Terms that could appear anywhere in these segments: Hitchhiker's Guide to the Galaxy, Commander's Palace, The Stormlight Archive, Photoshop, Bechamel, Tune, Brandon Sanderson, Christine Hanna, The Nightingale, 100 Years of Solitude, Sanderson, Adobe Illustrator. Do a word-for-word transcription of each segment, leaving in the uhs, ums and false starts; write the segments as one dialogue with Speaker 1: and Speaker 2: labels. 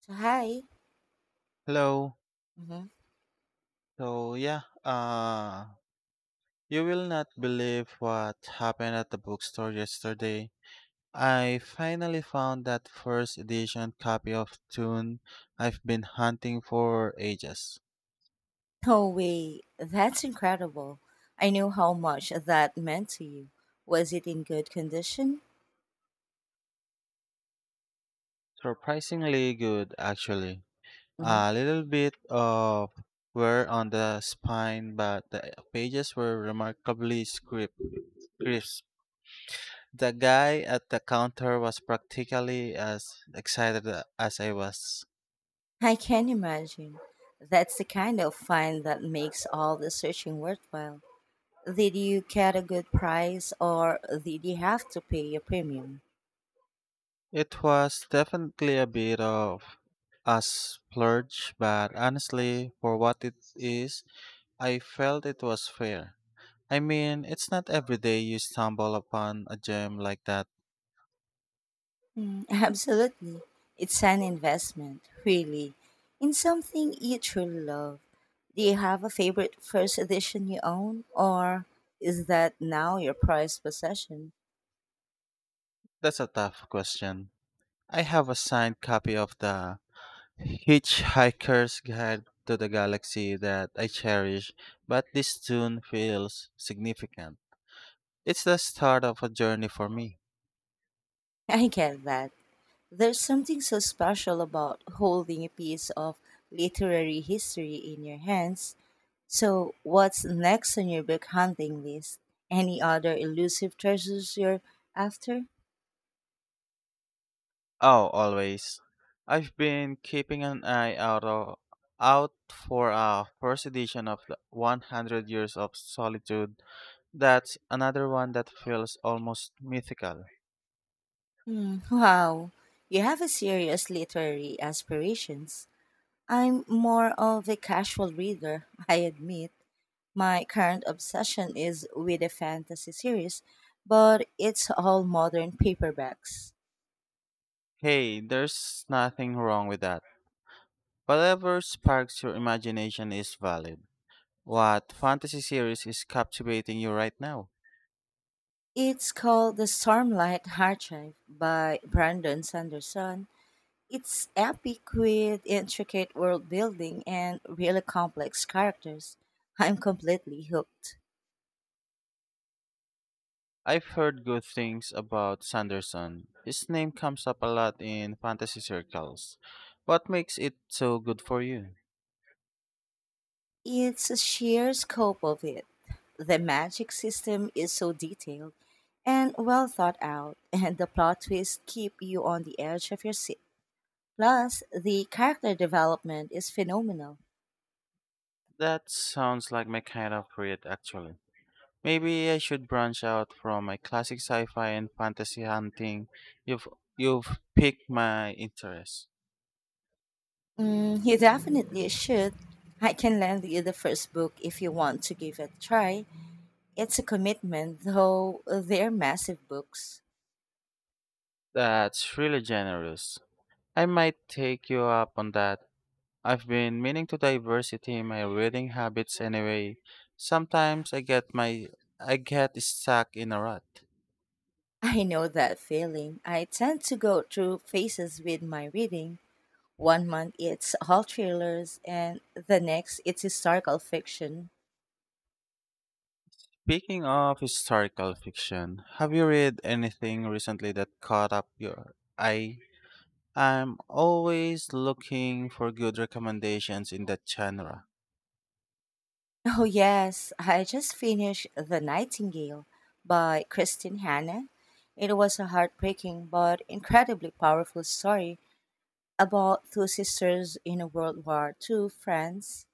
Speaker 1: So, hi.
Speaker 2: Hello.
Speaker 1: hmm
Speaker 2: So yeah, uh, you will not believe what happened at the bookstore yesterday. I finally found that first edition copy of Tune I've been hunting for ages.
Speaker 1: Oh, wait, that's incredible. I knew how much that meant to you. Was it in good condition?
Speaker 2: Surprisingly good, actually.
Speaker 1: hmm
Speaker 2: A little bit of wear on the spine, but the pages were remarkably script- crisp. The guy at the counter was practically as excited as I was.
Speaker 1: I can imagine. That's the kind of find that makes all the searching worthwhile. Did you get a good price or did you have to pay a premium?
Speaker 2: It was definitely a bit of a splurge, but honestly, for what it is, I felt it was fair. I mean, it's not every day you stumble upon a gem like that.
Speaker 1: Mm, absolutely. It's an investment, really, in something you truly love. Do you have a favorite first edition you own, or is that now your prized possession?
Speaker 2: That's a tough question. I have a signed copy of the Hitchhiker's Guide to the Galaxy that I cherish, but this tune feels significant. It's the start of a journey for me.
Speaker 1: I get that. There's something so special about holding a piece of literary history in your hands. So, what's next on your book hunting list? Any other elusive treasures you're after?
Speaker 2: Oh, always. I've been keeping an eye out o- out for a first edition of the one hundred Years of Solitude. That's another one that feels almost mythical.
Speaker 1: Hmm, wow, you have a serious literary aspirations. I'm more of a casual reader, I admit. My current obsession is with a fantasy series, but it's all modern paperbacks.
Speaker 2: Hey, there's nothing wrong with that. Whatever sparks your imagination is valid. What fantasy series is captivating you right now?
Speaker 1: It's called The Stormlight Archive by Brandon Sanderson. It's epic with intricate world building and really complex characters. I'm completely hooked.
Speaker 2: I've heard good things about Sanderson. His name comes up a lot in fantasy circles. What makes it so good for you?
Speaker 1: It's a sheer scope of it. The magic system is so detailed and well thought out, and the plot twists keep you on the edge of your seat. Plus, the character development is phenomenal.
Speaker 2: That sounds like my kind of read, actually. Maybe I should branch out from my classic sci-fi and fantasy hunting. You've you've piqued my interest.
Speaker 1: Mm, you definitely should. I can lend you the first book if you want to give it a try. It's a commitment, though they're massive books.
Speaker 2: That's really generous. I might take you up on that. I've been meaning to diversity in my reading habits anyway. Sometimes I get my I get stuck in a rut.
Speaker 1: I know that feeling. I tend to go through phases with my reading. One month it's all thrillers, and the next it's historical fiction.
Speaker 2: Speaking of historical fiction, have you read anything recently that caught up your eye? I'm always looking for good recommendations in that genre.
Speaker 1: Oh, yes, I just finished The Nightingale by Christine Hanna. It was a heartbreaking but incredibly powerful story about two sisters in World War two France.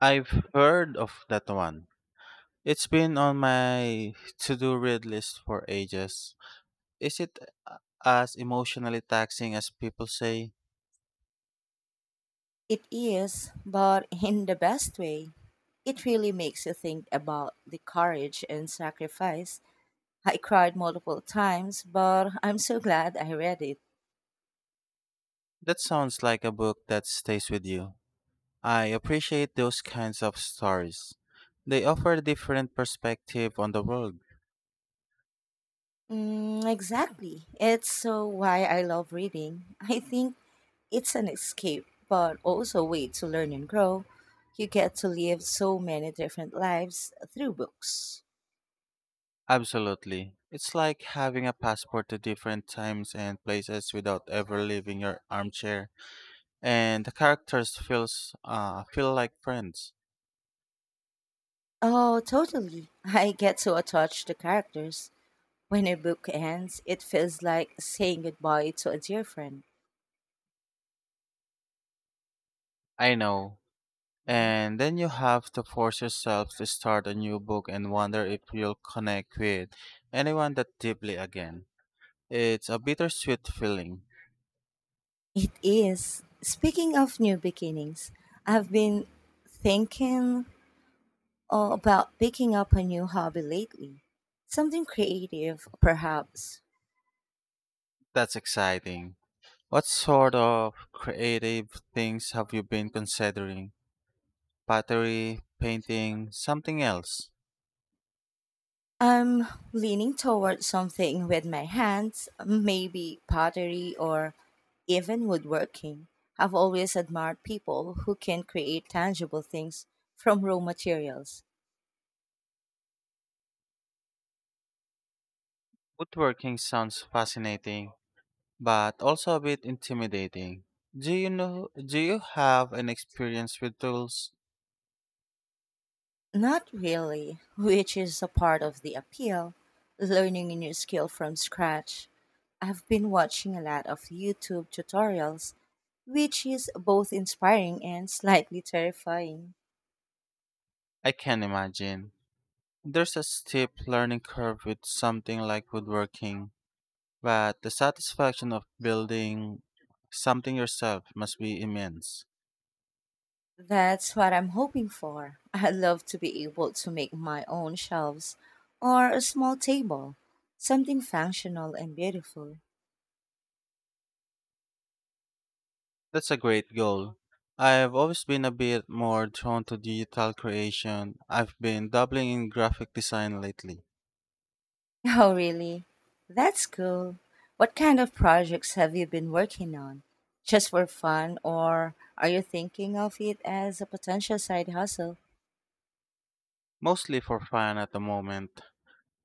Speaker 2: I've heard of that one. It's been on my to do read list for ages. Is it uh, as emotionally taxing as people say?
Speaker 1: It is, but in the best way. It really makes you think about the courage and sacrifice. I cried multiple times, but I'm so glad I read it.
Speaker 2: That sounds like a book that stays with you. I appreciate those kinds of stories. They offer a different perspective on the world.
Speaker 1: Mm, exactly. It's so why I love reading. I think it's an escape, but also a way to learn and grow. You get to live so many different lives through books.
Speaker 2: Absolutely. It's like having a passport to different times and places without ever leaving your armchair. And the characters feels uh, feel like friends.
Speaker 1: Oh, totally. I get to attach the characters. When a book ends, it feels like saying goodbye to a dear friend.
Speaker 2: I know.
Speaker 1: hmm
Speaker 2: And then you have to force yourself to start a new book and wonder if you'll connect with anyone that deeply again. It's a bittersweet feeling.
Speaker 1: It is. Speaking of new beginnings, I've been thinking all about picking up a new hobby lately. Something creative, perhaps.
Speaker 2: That's exciting. What sort of creative things have you been considering? Pottery, painting, something else?
Speaker 1: I'm leaning towards something with my hands, maybe pottery or even woodworking. I've always admired people who can create tangible things from raw materials.
Speaker 2: Woodworking sounds fascinating, but also a bit intimidating. Do you know do you have an experience with tools?
Speaker 1: Not really, which is a part of the appeal, learning a new skill from scratch. I've been watching a lot of YouTube tutorials, which is both inspiring and slightly terrifying.
Speaker 2: I can imagine. There's a steep learning curve with something like woodworking, but the satisfaction of building something yourself must be immense.
Speaker 1: That's what I'm hoping for. I'd love to be able to make my own shelves or a small table, something functional and beautiful.
Speaker 2: That's a great goal. I've always been a bit more drawn to digital creation. I've been dabbling in graphic design lately,
Speaker 1: Oh, really? That's cool. What kind of projects have you been working on? Just for fun, or are you thinking of it as a potential side hustle?
Speaker 2: mostly for fun at the moment.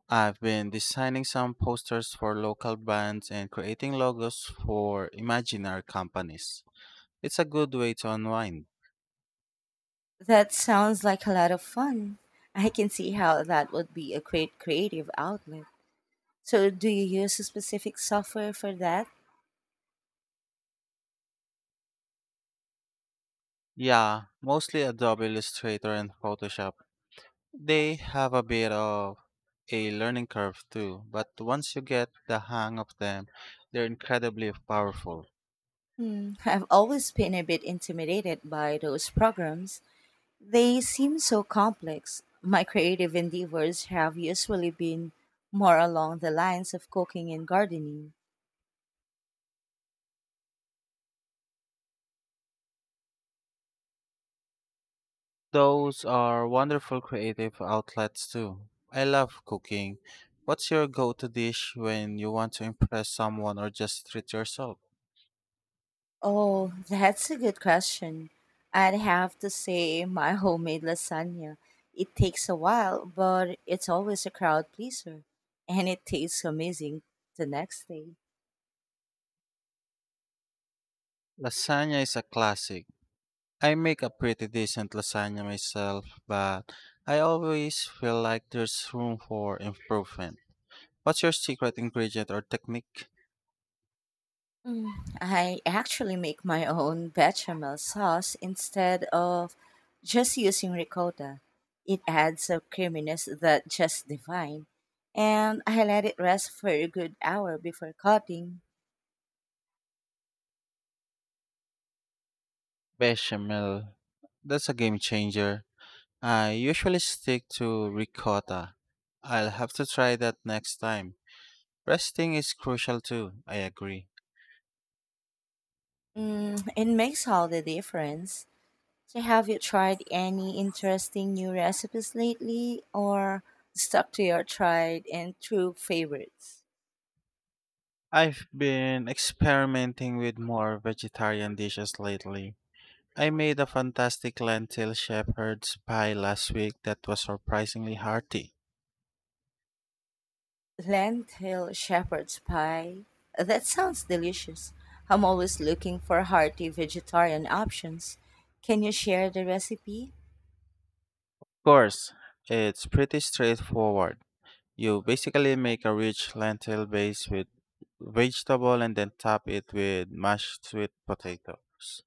Speaker 2: I've been designing some posters for local bands and creating logos for imaginary companies. It's a good way to unwind.
Speaker 1: That sounds like a lot of fun. I can see how that would be a great creative outlet. So, do you use a specific software for that?
Speaker 2: Yeah, mostly Adobe Illustrator and Photoshop. They have a bit of a learning curve too, but once you get the hang of them, they're incredibly powerful.
Speaker 1: Hmm, I've always been a bit intimidated by those programs. They seem so complex. My creative endeavors have usually been more along the lines of cooking and gardening.
Speaker 2: Those are wonderful creative outlets too. I love cooking. What's your go to dish when you want to impress someone or just treat yourself?
Speaker 1: Oh, that's a good question. I'd have to say my homemade lasagna. It takes a while, but it's always a crowd pleaser, and it tastes amazing the next day.
Speaker 2: Lasagna is a classic. I make a pretty decent lasagna myself, but I always feel like there's room for improvement. What's your secret ingredient or technique?
Speaker 1: I actually make my own bechamel sauce instead of just using ricotta. It adds a creaminess that just divine. And I let it rest for a good hour before cutting.
Speaker 2: Bechamel. That's a game changer. I usually stick to ricotta. I'll have to try that next time. Resting is crucial too, I agree.
Speaker 1: Mm, it makes all the difference. So have you tried any interesting new recipes lately or stuck to your tried and true favorites?
Speaker 2: I've been experimenting with more vegetarian dishes lately. I made a fantastic lentil shepherd's pie last week that was surprisingly hearty.
Speaker 1: Lentil shepherd's pie? That sounds delicious. I'm always looking for hearty vegetarian options. Can you share the recipe?
Speaker 2: Of course, it's pretty straightforward. You basically make a rich lentil base with vegetable and then top it with mashed sweet potatoes.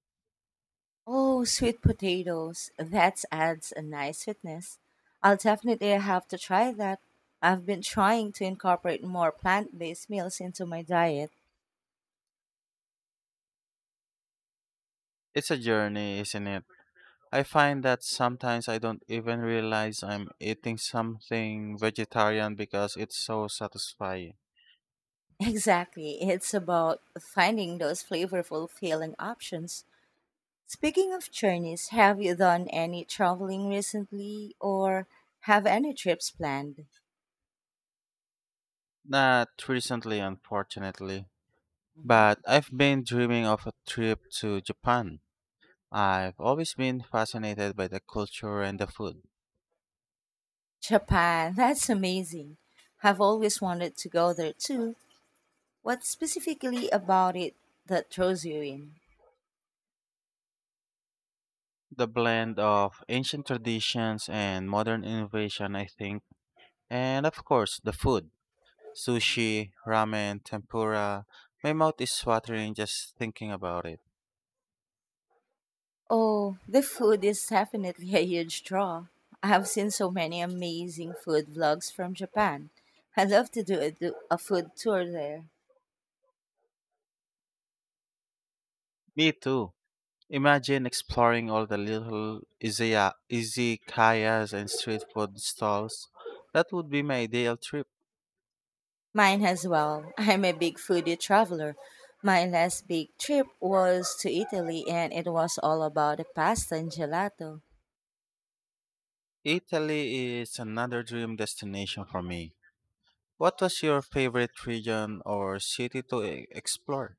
Speaker 1: Oh, sweet potatoes. That adds a nice sweetness. I'll definitely have to try that. I've been trying to incorporate more plant based meals into my diet.
Speaker 2: It's a journey, isn't it? I find that sometimes I don't even realize I'm eating something vegetarian because it's so satisfying.
Speaker 1: Exactly. It's about finding those flavorful, filling options. Speaking of journeys, have you done any traveling recently or have any trips planned?
Speaker 2: Not recently, unfortunately.
Speaker 1: Mhm.
Speaker 2: But I've been dreaming of a trip to Japan. I've always been fascinated by the culture and the food.
Speaker 1: Japan, that's amazing. I've always wanted to go there too. What specifically about it that draws you in?
Speaker 2: The blend of ancient traditions and modern innovation, I think. And of course, the food sushi, ramen, tempura. My mouth is watering just thinking about it.
Speaker 1: Oh, the food is definitely a huge draw. I have seen so many amazing food vlogs from Japan. I'd love to do a, do a food tour there.
Speaker 2: Me too. Imagine exploring all the little izaya- izakayas and street food stalls. That would be my ideal trip.
Speaker 1: Mine as well. I'm a big foodie traveler. My last big trip was to Italy and it was all about the pasta and gelato.
Speaker 2: Italy is another dream destination for me. What was your favorite region or city to e- explore?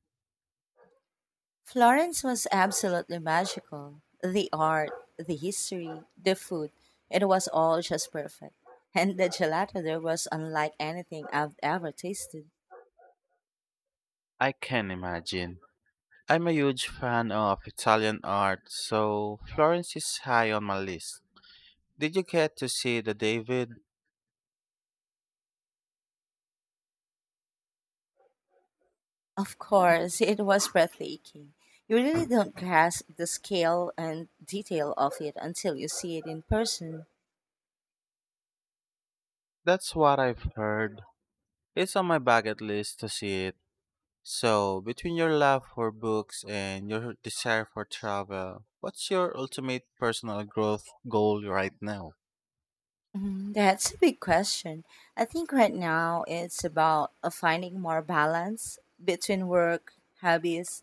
Speaker 1: Florence was absolutely magical. The art, the history, the food, it was all just perfect. And the gelato there was unlike anything I've ever tasted.
Speaker 2: I can imagine. I'm a huge fan of Italian art, so Florence is high on my list. Did you get to see the David?
Speaker 1: Of course, it was breathtaking. You really don't grasp the scale and detail of it until you see it in person.
Speaker 2: That's what I've heard. It's on my bucket list to see it. So, between your love for books and your desire for travel, what's your ultimate personal growth goal right now?
Speaker 1: Mhm, that's a big question. I think right now it's about uh, finding more balance between work, hobbies,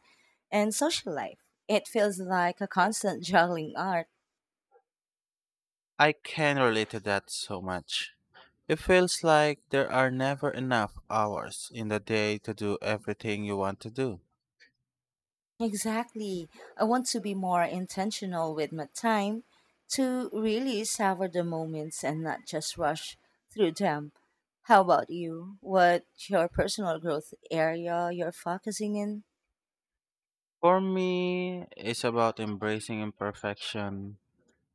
Speaker 1: and social life. It feels like a constant juggling art.
Speaker 2: I can relate to that so much. It feels like there are never enough hours in the day to do everything you want to do.
Speaker 1: Exactly. I want to be more intentional with my time to really savor the moments and not just rush through them. How about you? What your personal growth area you're focusing in?
Speaker 2: For me, it's about embracing imperfection.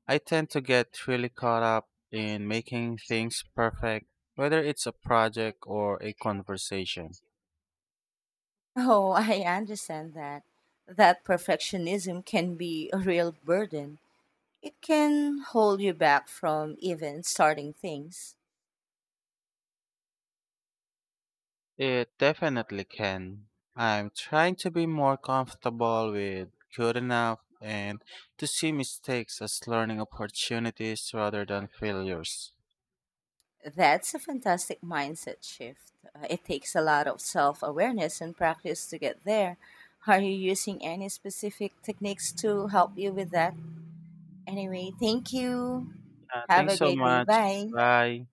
Speaker 2: I tend to get really caught up in making things perfect, whether it's a project or a conversation.
Speaker 1: Oh, I understand that. That perfectionism can be a real burden. It can hold you back from even starting things.
Speaker 2: It definitely can. I'm trying to be more comfortable with good enough and to see mistakes as learning opportunities rather than failures.
Speaker 1: That's a fantastic mindset shift. Uh, It takes a lot of self awareness and practice to get there. Are you using any specific techniques to help you with that? Anyway, thank you.
Speaker 2: Uh,
Speaker 1: Have
Speaker 2: thanks
Speaker 1: a
Speaker 2: so
Speaker 1: great day.
Speaker 2: much.
Speaker 1: Bye.
Speaker 2: Bye.